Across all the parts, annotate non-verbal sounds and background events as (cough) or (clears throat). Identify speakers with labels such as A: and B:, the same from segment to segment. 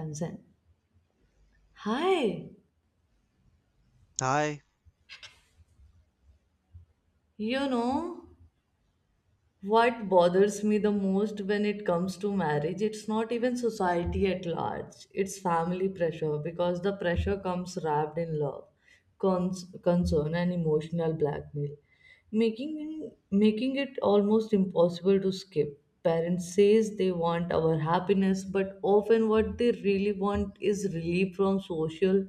A: Kanzan. Hi,
B: Hi.
A: you know what bothers me the most when it comes to marriage? It's not even society at large, it's family pressure because the pressure comes wrapped in love, concern, and emotional blackmail, making it almost impossible to skip. Parents says they want our happiness, but often what they really want is relief from social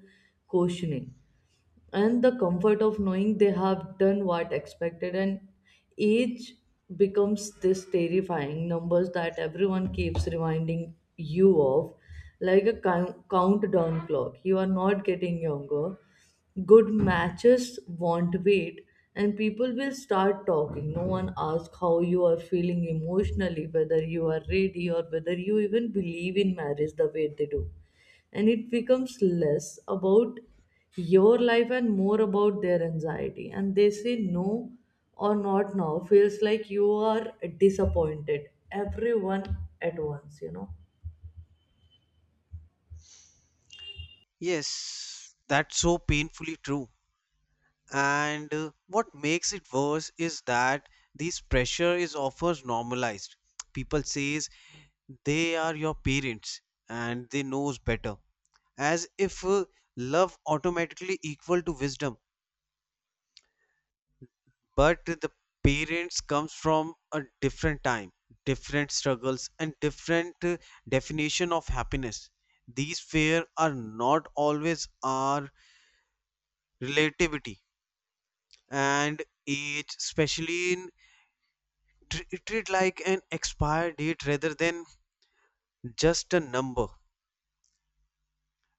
A: questioning and the comfort of knowing they have done what expected, and age becomes this terrifying numbers that everyone keeps reminding you of, like a countdown clock. You are not getting younger, good matches won't wait, and people will start talking. No one asks how you are feeling emotionally, whether you are ready, or whether you even believe in marriage the way they do. And it becomes less about your life and more about their anxiety, and they say no or not now feels like you are disappointed everyone at once,
B: Yes, that's so painfully true. And what makes it worse is that this pressure is often normalized. People says they are your parents and they knows better, as if love automatically equal to wisdom. But the parents comes from a different time, different struggles, and different definition of happiness. These fear are not always our relativity and age, especially in treat like an expired date rather than just a number.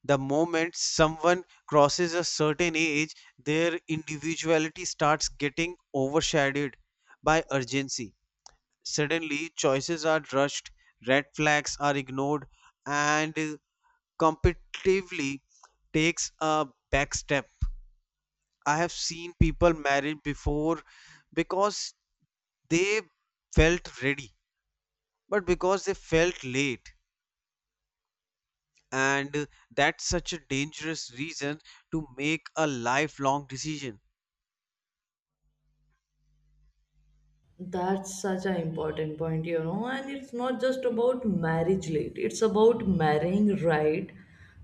B: The moment someone crosses a certain age, their individuality starts getting overshadowed by urgency. Suddenly, choices are rushed, red flags are ignored, and competitively takes a back step. I have seen people married before because they felt ready but because they felt late, and that's such a dangerous reason to make a lifelong decision.
A: That's such an important point, you know, and it's not just about marriage late, it's about marrying right.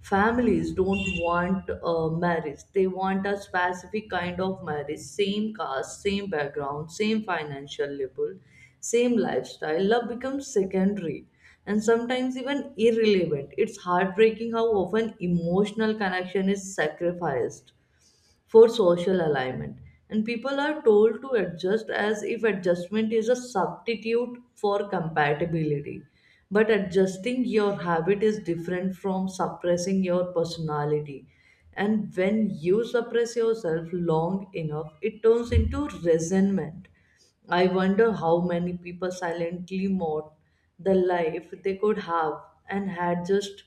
A: Families don't want a marriage, they want a specific kind of marriage, same caste, same background, same financial level, same lifestyle. Love becomes secondary and sometimes even irrelevant. It's heartbreaking how often emotional connection is sacrificed for social alignment. And people are told to adjust as if adjustment is a substitute for compatibility. But adjusting your habit is different from suppressing your personality. And when you suppress yourself long enough, it turns into resentment. I wonder how many people silently mourn the life they could have and had just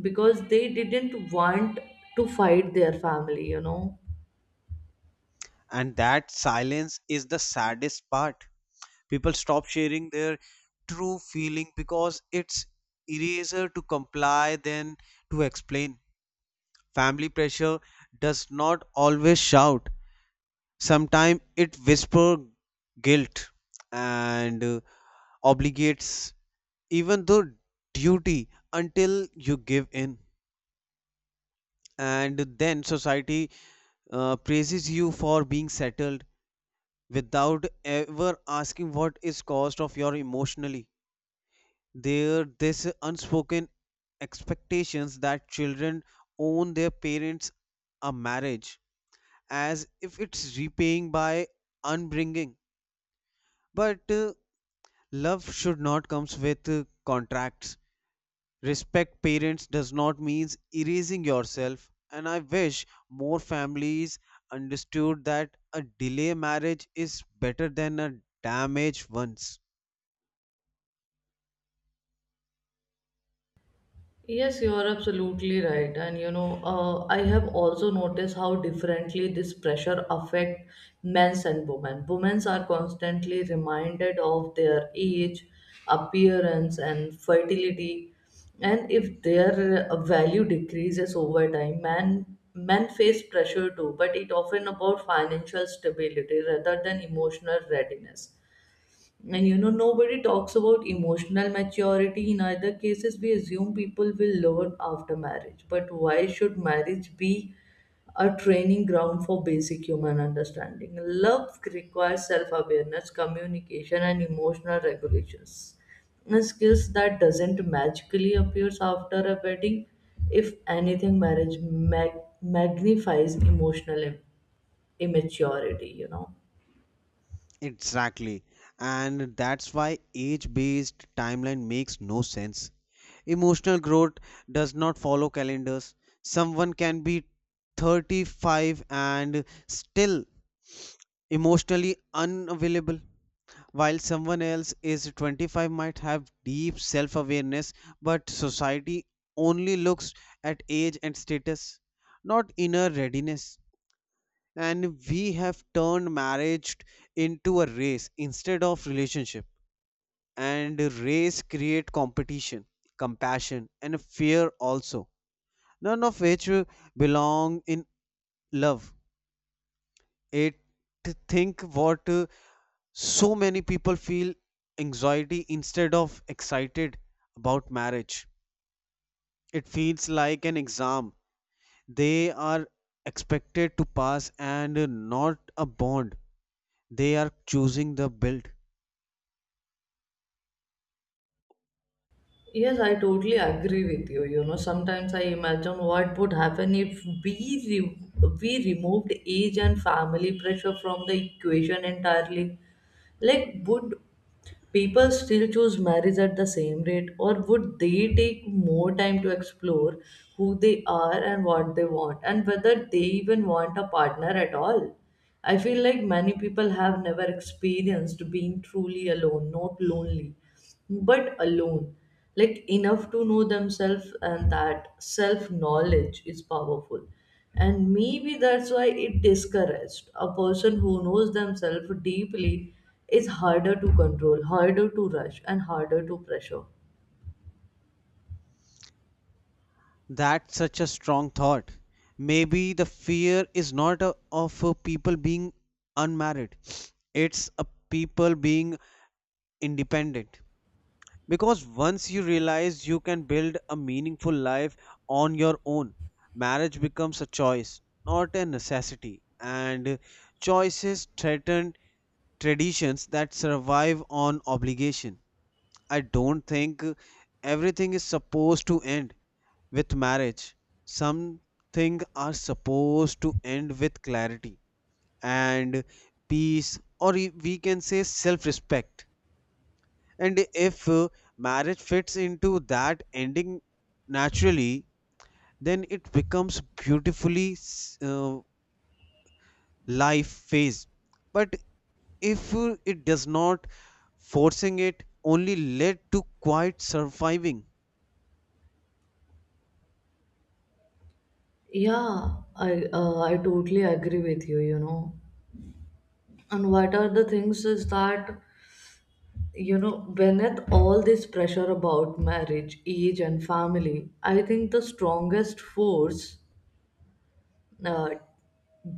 A: because they didn't want to fight their family, you know.
B: And that silence is the saddest part. People stop sharing their true feeling because it's easier to comply than to explain. Family pressure does not always shout, sometimes it whispers guilt and obligates, even though duty, until you give in. And then society praises you for being settled without ever asking what is cost of your emotionally. There this unspoken expectations that children own their parents a marriage, as if it's repaying by unbringing. But love should not comes with contracts. Respect parents does not mean erasing yourself, and I wish more families understood that a delay marriage is better than a damaged one's.
A: Yes, you are absolutely right. And you know, I have also noticed how differently this pressure affect men's and women. Women are constantly reminded of their age, appearance, and fertility. And if their value decreases over time, men face pressure too, but it often about financial stability rather than emotional readiness. And you know, nobody talks about emotional maturity. In other cases, we assume people will learn after marriage. But why should marriage be a training ground for basic human understanding? Love requires self awareness, communication, and emotional regulations. And skills that doesn't magically appears after a wedding. If anything, marriage magnifies emotional immaturity, you know.
B: Exactly. And that's why age based timeline makes no sense. Emotional growth does not follow calendars. Someone can be 35 and still emotionally unavailable, while someone else is 25 might have deep self awareness, but society only looks at age and status, not inner readiness. And we have turned marriage into a race instead of relationship. And race create competition, compassion, and fear also. None of which belong in love. It think what so many people feel anxiety instead of excited about marriage, it feels like an exam they are expected to pass and not a bond they are choosing the build.
A: Yes, I totally agree with you. You know, sometimes I imagine what would happen if re- we removed age and family pressure from the equation entirely. Like, would people still choose marriage at the same rate, or would they take more time to explore who they are and what they want, and whether they even want a partner at all? I feel like many people have never experienced being truly alone, not lonely but alone, like enough to know themselves, and that self knowledge is powerful. And maybe that's why it discouraged. A person who knows themselves deeply is harder to control, harder to rush, and harder to pressure.
B: That's such a strong thought. Maybe the fear is not of people being unmarried, it's a people being independent. Because once you realize you can build a meaningful life on your own, marriage becomes a choice, not a necessity. And choices threaten traditions that survive on obligation. I don't think everything is supposed to end with marriage. Some things are supposed to end with clarity and peace, or we can say self respect. And if marriage fits into that ending naturally, then it becomes beautifully life phase. But if it does not, forcing it only led to quiet surviving.
A: Yeah, I totally agree with you, you know. And what are the things is that, you know, beneath all this pressure about marriage age and family, I think the strongest force uh,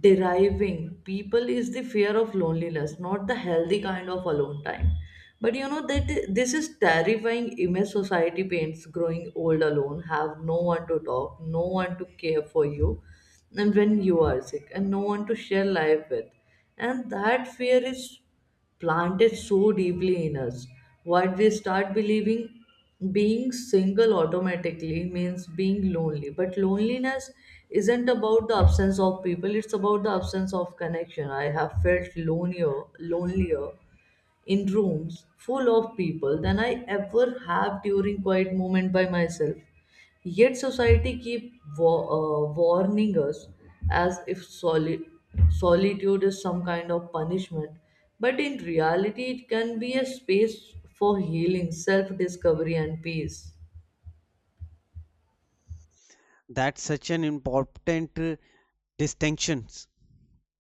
A: deriving people is the fear of loneliness, not the healthy kind of alone time. But you know, that this is terrifying image society paints, growing old alone, have no one to talk, no one to care for you, and when you are sick, and no one to share life with. And that fear is planted so deeply in us. What we start believing, being single automatically means being lonely. But loneliness isn't about the absence of people, it's about the absence of connection. I have felt lonelier in rooms full of people than I ever have during quiet moment by myself. Yet society keep warning us as if solitude is some kind of punishment, but in reality it can be a space for healing, self-discovery, and peace.
B: That's such an important distinction.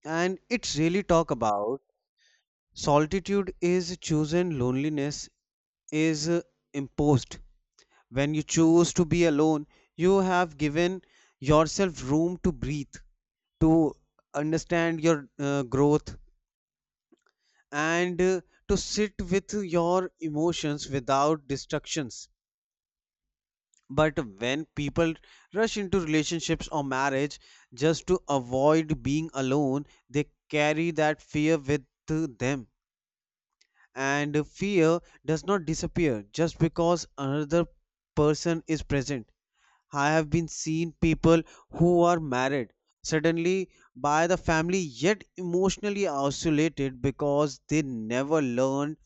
B: And it's really talk about solitude is chosen, loneliness is imposed. When you choose to be alone, you have given yourself room to breathe, to understand your growth, and to sit with your emotions without distractions. But when people rush into relationships or marriage just to avoid being alone, they carry that fear with them. And fear does not disappear just because another person is present. I have been seen people who are married suddenly by the family, yet emotionally isolated because they never learned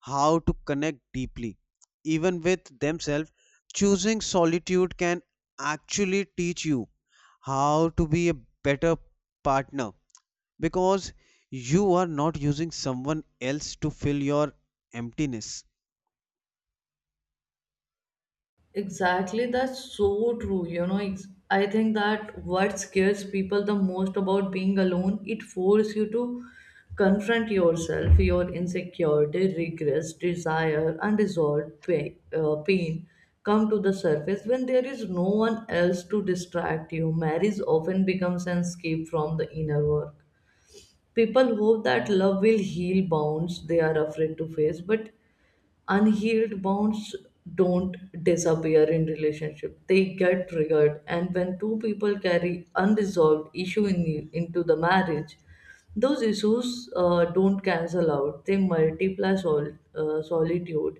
B: how to connect deeply even with themselves. Choosing solitude can actually teach you how to be a better partner because you are not using someone else to fill your emptiness.
A: Exactly, that's so true. You know, I think that what scares people the most about being alone, it forces you to confront yourself, your insecurity, regrets, desire, unresolved pain. Pain come to the surface when there is no one else to distract you. Marriage often becomes an escape from the inner work. People hope that love will heal bonds they are afraid to face, but unhealed bonds don't disappear in relationship, they get triggered. And when two people carry unresolved issue into the marriage, those issues don't cancel out, they multiply. Solitude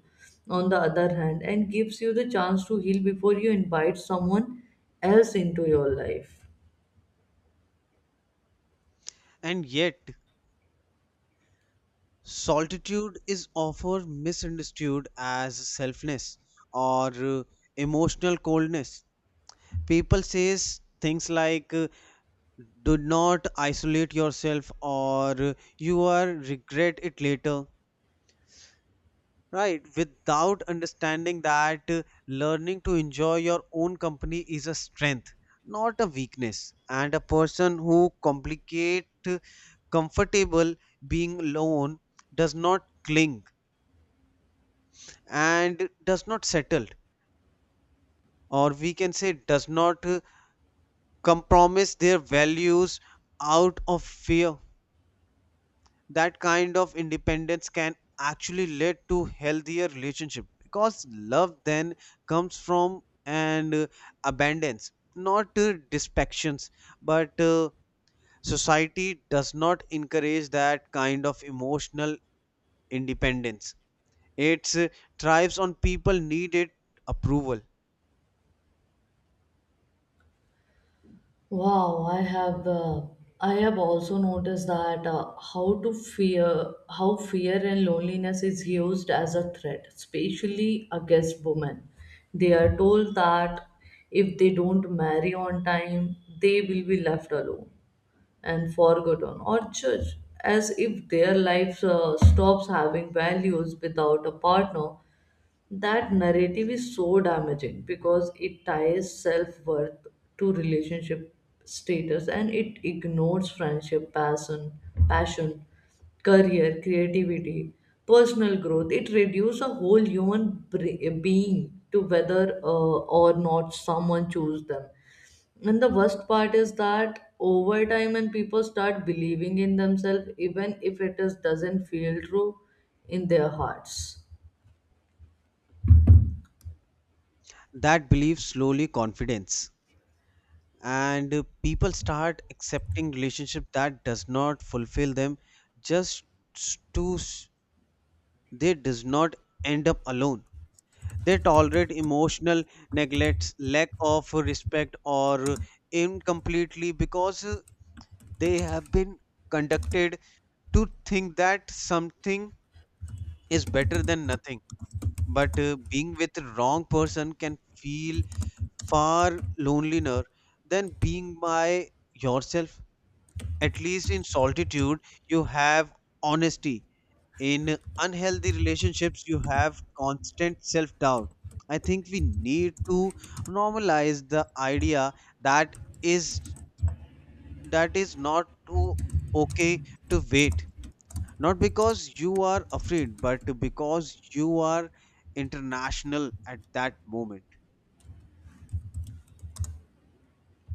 A: on the other hand and gives you the chance to heal before you invite someone else into your life.
B: And yet solitude is often misunderstood as selfness or emotional coldness. People says things like do not isolate yourself or you are regret it later. Right, without understanding that learning to enjoy your own company is a strength, not a weakness. And a person who complicate comfortable being alone does not cling and does not settle, or we can say does not compromise their values out of fear. That kind of independence can actually lead to healthier relationship because love then comes from an abundance, not dispections. But society does not encourage that kind of emotional independence, it thrives on people needed approval.
A: Wow, I have also noticed that how fear and loneliness is used as a threat, especially against women. They are told that if they don't marry on time, they will be left alone and forgotten or judged, as if their lives stops having values without a partner. That narrative is so damaging because it ties self-worth to relationship status, and it ignores friendship, passion, career, creativity, personal growth. It reduces a whole human being to whether or not someone choose them. And the worst part is that over time and people start believing in themselves, even if it is doesn't feel true in their hearts.
B: That belief slowly confidence and people start accepting relationship that does not fulfill them, just s- to s- they does not end up alone. They tolerate emotional neglects, lack of respect, or incompletely because they have been conducted to think that something is better than nothing. But being with the wrong person can feel far lonelier than being by yourself. At least in solitude, you have honesty. In unhealthy relationships, you have constant self doubt. I think we need to normalize the idea that is is not too okay to wait, not because you are afraid but because you are international at that moment.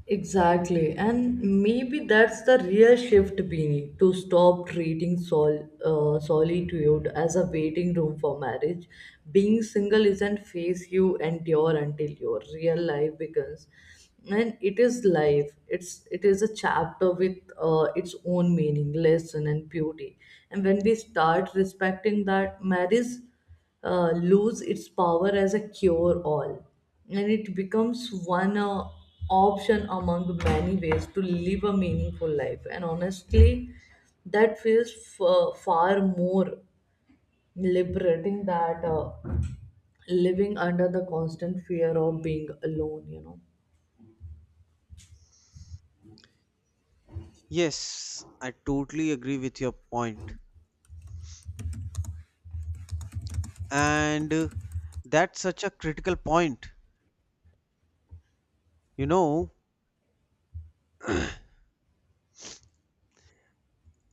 A: Exactly, and maybe that's the real shift we, to stop treating solitude as a waiting room for marriage. Being single isn't phase you endure until your real life begins, and it is life. It is a chapter with its own meaning, lesson, and beauty. And when we start respecting that, marriage lose its power as a cure all, and it becomes one option among many ways to live a meaningful life. And honestly, that feels far more liberating that living under the constant fear of being alone, you know.
B: Yes, I totally agree with your point. And that's such a critical point, you know,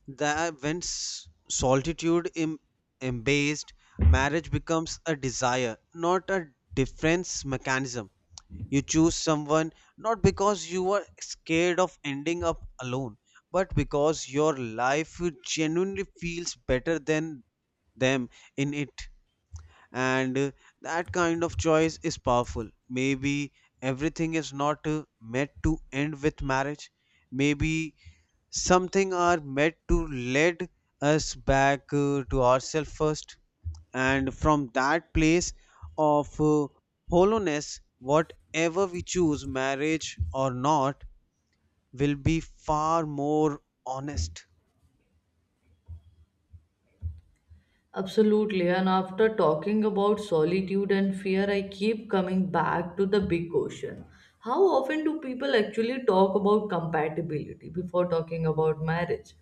B: that when solitude embased, marriage becomes a desire, not a defense mechanism. You choose someone not because you are scared of ending up alone, but because your life genuinely feels better than them in it. And that kind of choice is powerful. Maybe everything is not meant to end with marriage. Maybe something are meant to lead us back to ourselves first, and from that place of hollowness, whatever we choose, marriage or not, will be far more honest.
A: Absolutely. And after talking about solitude and fear, I keep coming back to the big question. How often do people actually talk about compatibility before talking about marriage?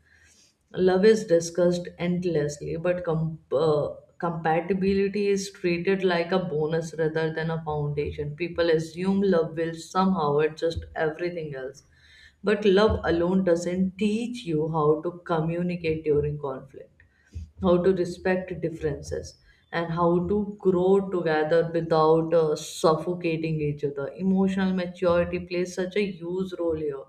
A: Love is discussed endlessly, but compatibility is treated like a bonus rather than a foundation. People assume love will somehow adjust everything else. But love alone doesn't teach you how to communicate during conflict, how to respect differences, and how to grow together without suffocating each other. Emotional maturity plays such a huge role here,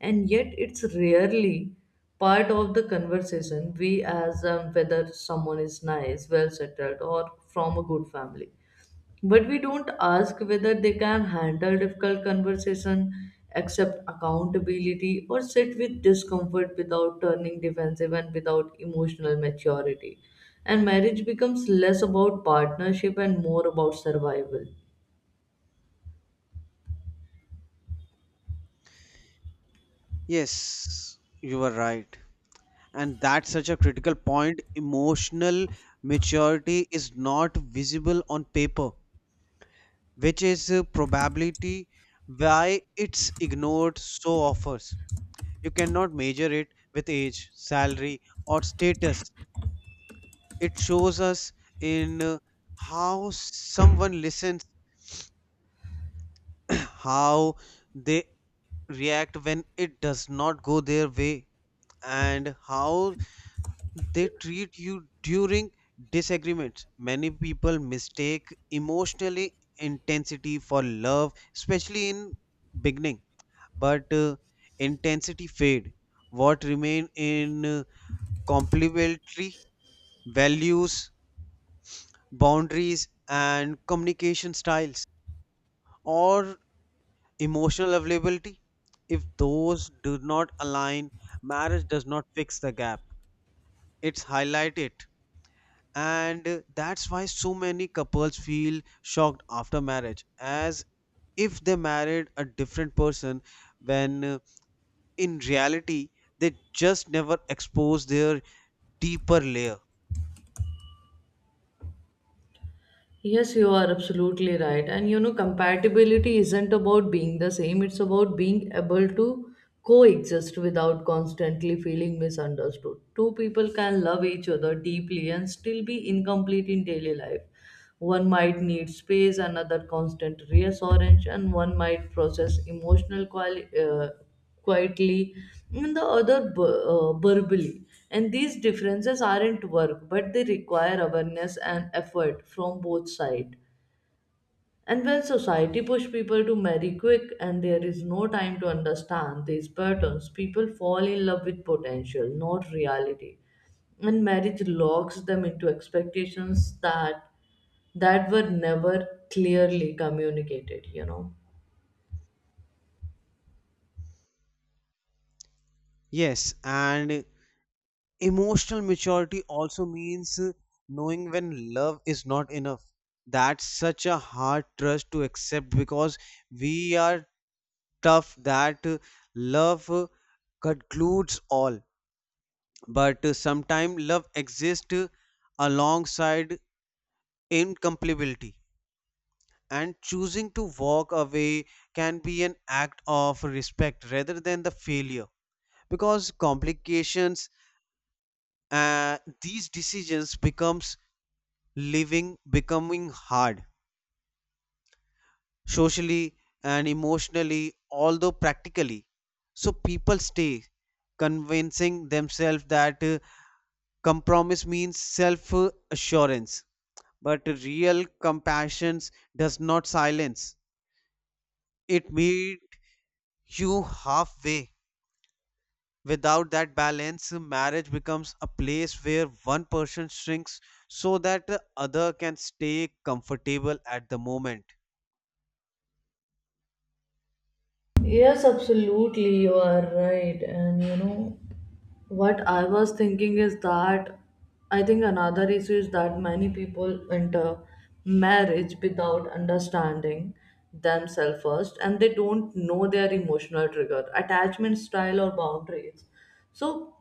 A: and yet it's rarely part of the conversation. We as whether someone is nice, well settled, or from a good family, but we don't ask whether they can handle difficult conversation, accept accountability, or sit with discomfort without turning defensive. And without emotional maturity, and marriage becomes less about partnership and more about survival.
B: Yes, you are right. And that's such a critical point. Emotional maturity is not visible on paper, which is a probability why it's ignored so often. You cannot measure it with age, salary, or status. It shows us in how someone listens, (clears throat) how they react when it does not go their way, and how they treat you during disagreements. Many people mistake emotionally intensity for love, especially in beginning. But intensity fade, what remain in complementary values, boundaries, and communication styles, or emotional availability. If those do not align, marriage does not fix the gap, it's highlight it. And that's why so many couples feel shocked after marriage, as if they married a different person when in reality they just never expose their deeper layer.
A: Yes, you are absolutely right. And you know, compatibility isn't about being the same, it's about being able to coexist without constantly feeling misunderstood. Two people can love each other deeply and still be incomplete in daily life. One might need space, another constant reassurance, and one might process emotional quietly, and the other verbally. And these differences aren't work, but they require awareness and effort from both sides. And when society push people to marry quick and there is no time to understand these patterns, people fall in love with potential not reality, and marriage locks them into expectations that were never clearly communicated, you know.
B: Yes, and emotional maturity also means knowing when love is not enough. That's such a hard trust to accept because we are tough that love concludes all. But sometimes love exists alongside incompatibility. And choosing to walk away can be an act of respect rather than the failure. Because complications, these decisions becomes living becoming hard socially and emotionally, although practically. So people stay convincing themselves that compromise means self assurance, but real compassion does not silence. It meets you halfway. Without that balance, marriage becomes a place where one person shrinks so that the other can stay comfortable at the moment.
A: Yes, absolutely, you are right. And you know, what I was thinking is that, I think another issue is that many people enter marriage without understanding themselves first, and they don't know their emotional trigger, attachment style, or boundaries. So,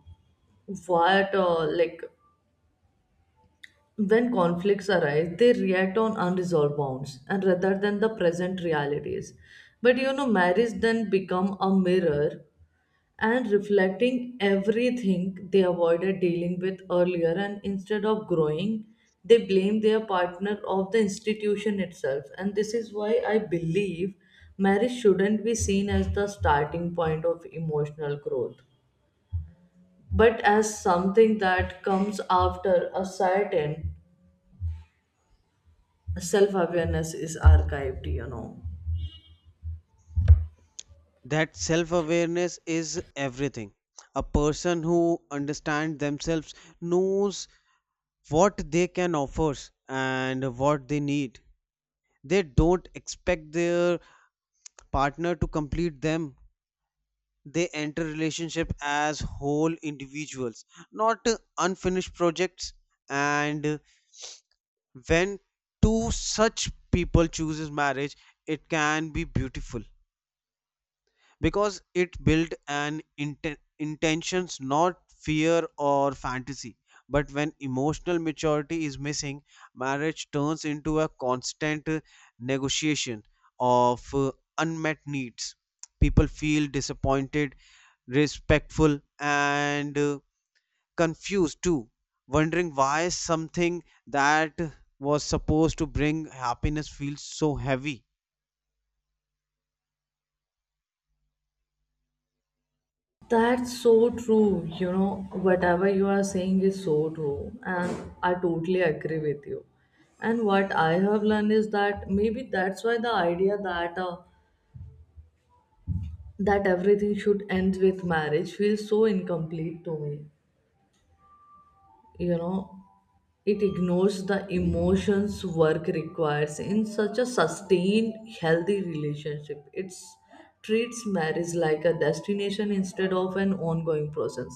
A: what, uh, like, when conflicts arise, they react on unresolved bonds, and rather than the present realities. But you know, marriage then become a mirror and reflecting everything they avoided dealing with earlier, and instead of growing they blame their partner of the institution itself. And this is why I believe marriage shouldn't be seen as the starting point of emotional growth, but as something that comes after a certain self awareness is archived, you know.
B: That self awareness is everything. A person who understands themselves knows what they can offer and what they need. They don't expect their partner to complete them. They enter relationship as whole individuals, not unfinished projects. And when two such people chooses marriage, it can be beautiful, because it built an intentions, not fear or fantasy. But when emotional maturity is missing, marriage turns into a constant negotiation of unmet needs. People feel disappointed, respectful, and confused too, wondering why something that was supposed to bring happiness feels so heavy.
A: That's so true. You know, whatever you are saying is so true. And I totally agree with you. And what I have learned is that maybe that's why the idea that that everything should end with marriage feels so incomplete to me. You know, it ignores the emotions work requires in such a sustained healthy relationship. It treats marriage like a destination instead of an ongoing process.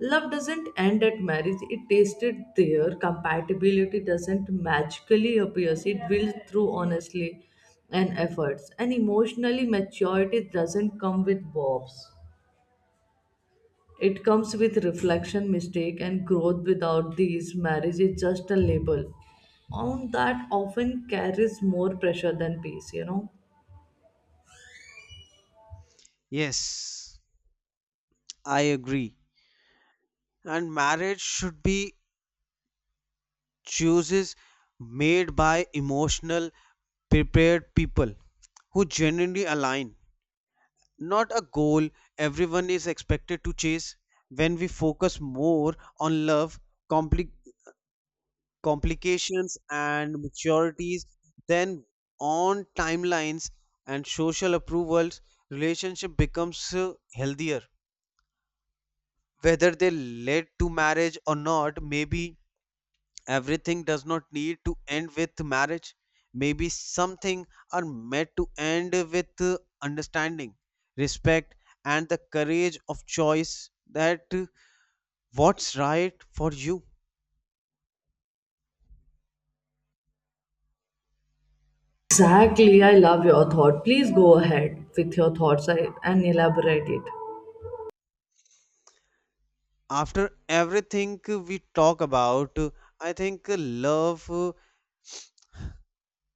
A: Love doesn't end at marriage, it tasted there. Compatibility doesn't magically appear, it builds through honestly and efforts, and emotionally maturity doesn't come with bobs. It comes with reflection, mistake, and growth. Without these, marriage is just a label. On that often carries more pressure than peace, you know.
B: Yes, I agree. And marriage should be choices made by emotional prepared people who genuinely align, not a goal everyone is expected to chase. When we focus more on love, compli- complications and maturities, than on timelines and social approvals, relationship becomes healthier, whether they led to marriage or not. Maybe everything does not need to end with marriage. Maybe something are meant to end with understanding, respect, and the courage of choice that what's right for you.
A: Exactly, I love your thought. Please go ahead with your thoughts and elaborate it.
B: After everything we talk about, I think love,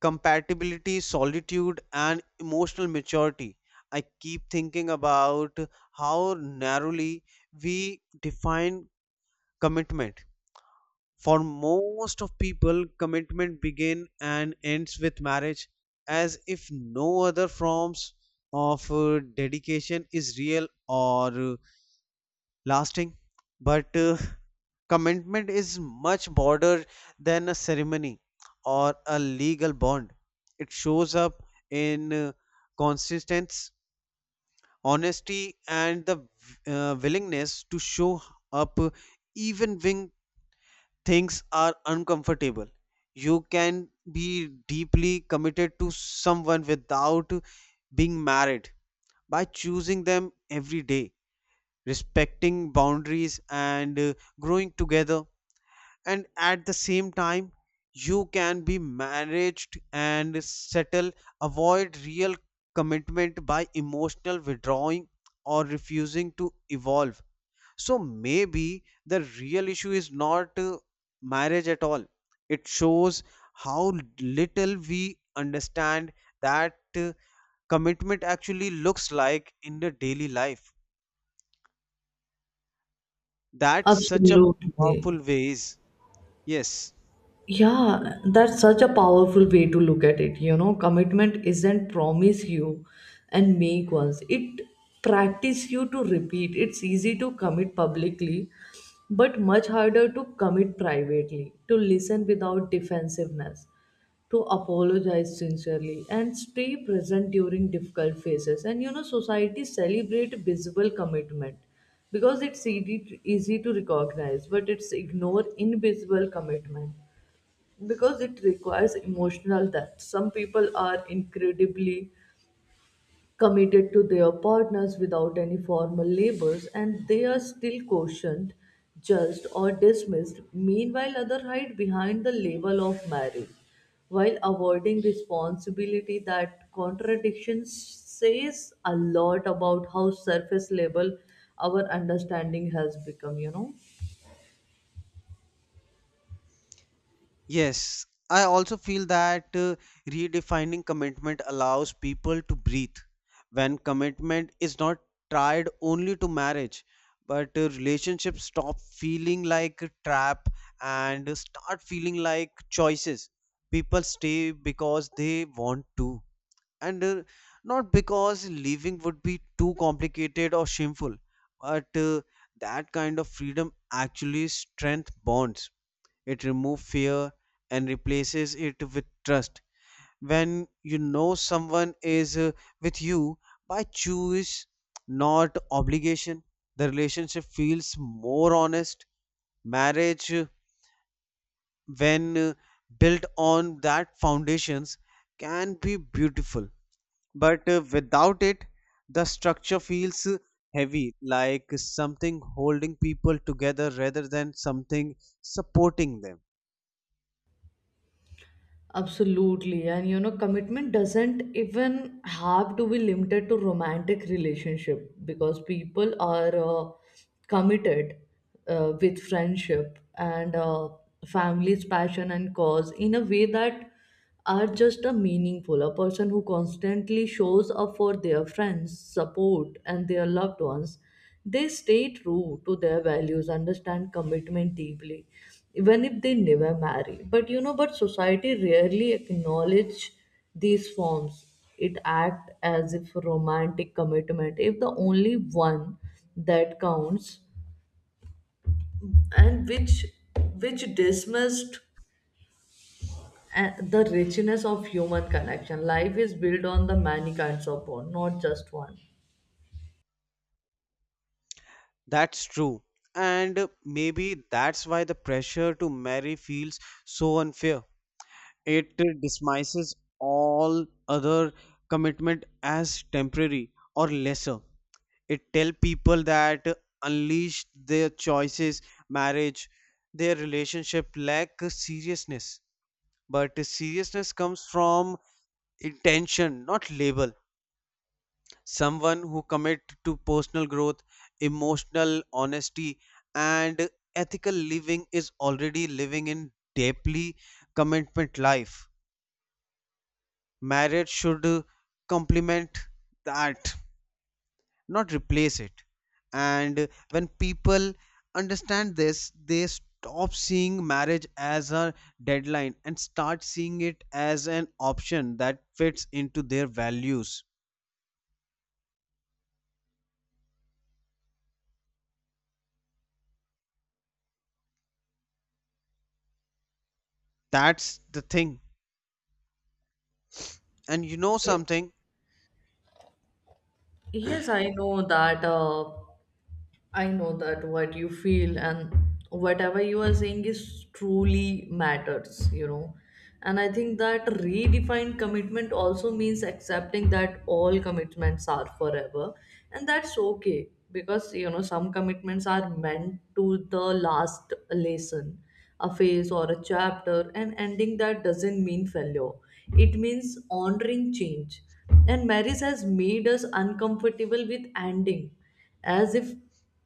B: compatibility, solitude, and emotional maturity. I keep thinking about how narrowly we define commitment. For most of people, commitment begins and ends with marriage, as if no other forms of dedication is real or lasting. But commitment is much broader than a ceremony or a legal bond. It shows up in consistency, honesty, and the willingness to show up even when things are uncomfortable. You can be deeply committed to someone without being married by choosing them every day, respecting boundaries, and growing together. And at the same time, you can be managed and settle, avoid real commitment by emotional withdrawing or refusing to evolve. So maybe the real issue is not marriage at all. It shows how little we understand that commitment actually looks like in the daily life. That's such a
A: Absolutely.
B: powerful ways. Yes.
A: Yeah, that's such a powerful way to look at it, you know. Commitment isn't promise you and make once, it practice you to repeat. It's easy to commit publicly, but much harder to commit privately, to listen without defensiveness, to apologize sincerely and stay present during difficult phases. And you know, society celebrate visible commitment because it's easy to recognize, but it's ignore invisible commitment because it requires emotional depth. Some people are incredibly committed to their partners without any formal labors, and they are still cautioned, judged, or dismissed. Meanwhile, others hide behind the label of marriage while avoiding responsibility. That contradiction says a lot about how surface level our understanding has become, you know.
B: Yes, I also feel that redefining commitment allows people to breathe. When commitment is not tied only to marriage, but relationships stop feeling like a trap and start feeling like choices. People stay because they want to, and not because leaving would be too complicated or shameful. But that kind of freedom actually strength bonds, it removes fear and replaces it with trust. When you know someone is with you by choice, not obligation, the relationship feels more honest. Marriage, when built on that foundations, can be beautiful. But without it, the structure feels heavy, like something holding people together rather than something supporting them.
A: Absolutely. And you know, commitment doesn't even have to be limited to romantic relationship, because people are committed with friendship and family's passion and cause in a way that are just a meaningful. A person who constantly shows up for their friends support and their loved ones, they stay true to their values, understand commitment deeply, even if they never marry. But you know, but society rarely acknowledge these forms. It act as if romantic commitment if the only one that counts, and which dismissed. And the richness of human connection. Life is built on the many kinds of bond, not just one.
B: That's true. And maybe that's why the pressure to marry feels so unfair. It dismisses all other commitment as temporary or lesser. It tells people that unleash their choices marriage, their relationship lack seriousness. But the seriousness comes from intention, not label. Someone who commit to personal growth, emotional honesty, and ethical living is already living in deeply commitment life. Marriage should complement that, not replace it. And when people understand this, they stop seeing marriage as a deadline and start seeing it as an option that fits into their values. That's the thing. And you know
A: Ye-
B: something.
A: Yes, I know that what you feel and whatever you are saying is truly matters, you know. And I think that redefined commitment also means accepting that all commitments are forever, and that's okay. Because you know, some commitments are meant to the last lesson, a phase or a chapter, and ending that doesn't mean failure. It means honoring change. And marriage has made us uncomfortable with ending, as if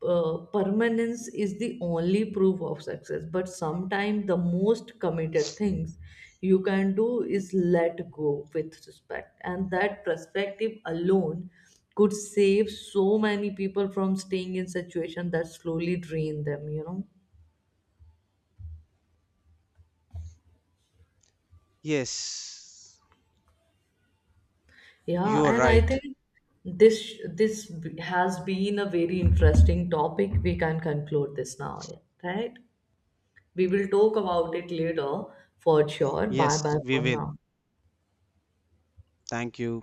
A: permanence is the only proof of success. But sometimes the most committed things you can do is let go with respect, and that perspective alone could save so many people from staying in situations that slowly drain them, you know.
B: Yes,
A: Yeah,
B: you are
A: and I
B: right.
A: think this has been a very interesting topic. We can conclude this now. Yeah, right, we will talk about it later for sure. Bye
B: Yes,
A: bye
B: we
A: for
B: will.
A: now.
B: Thank you.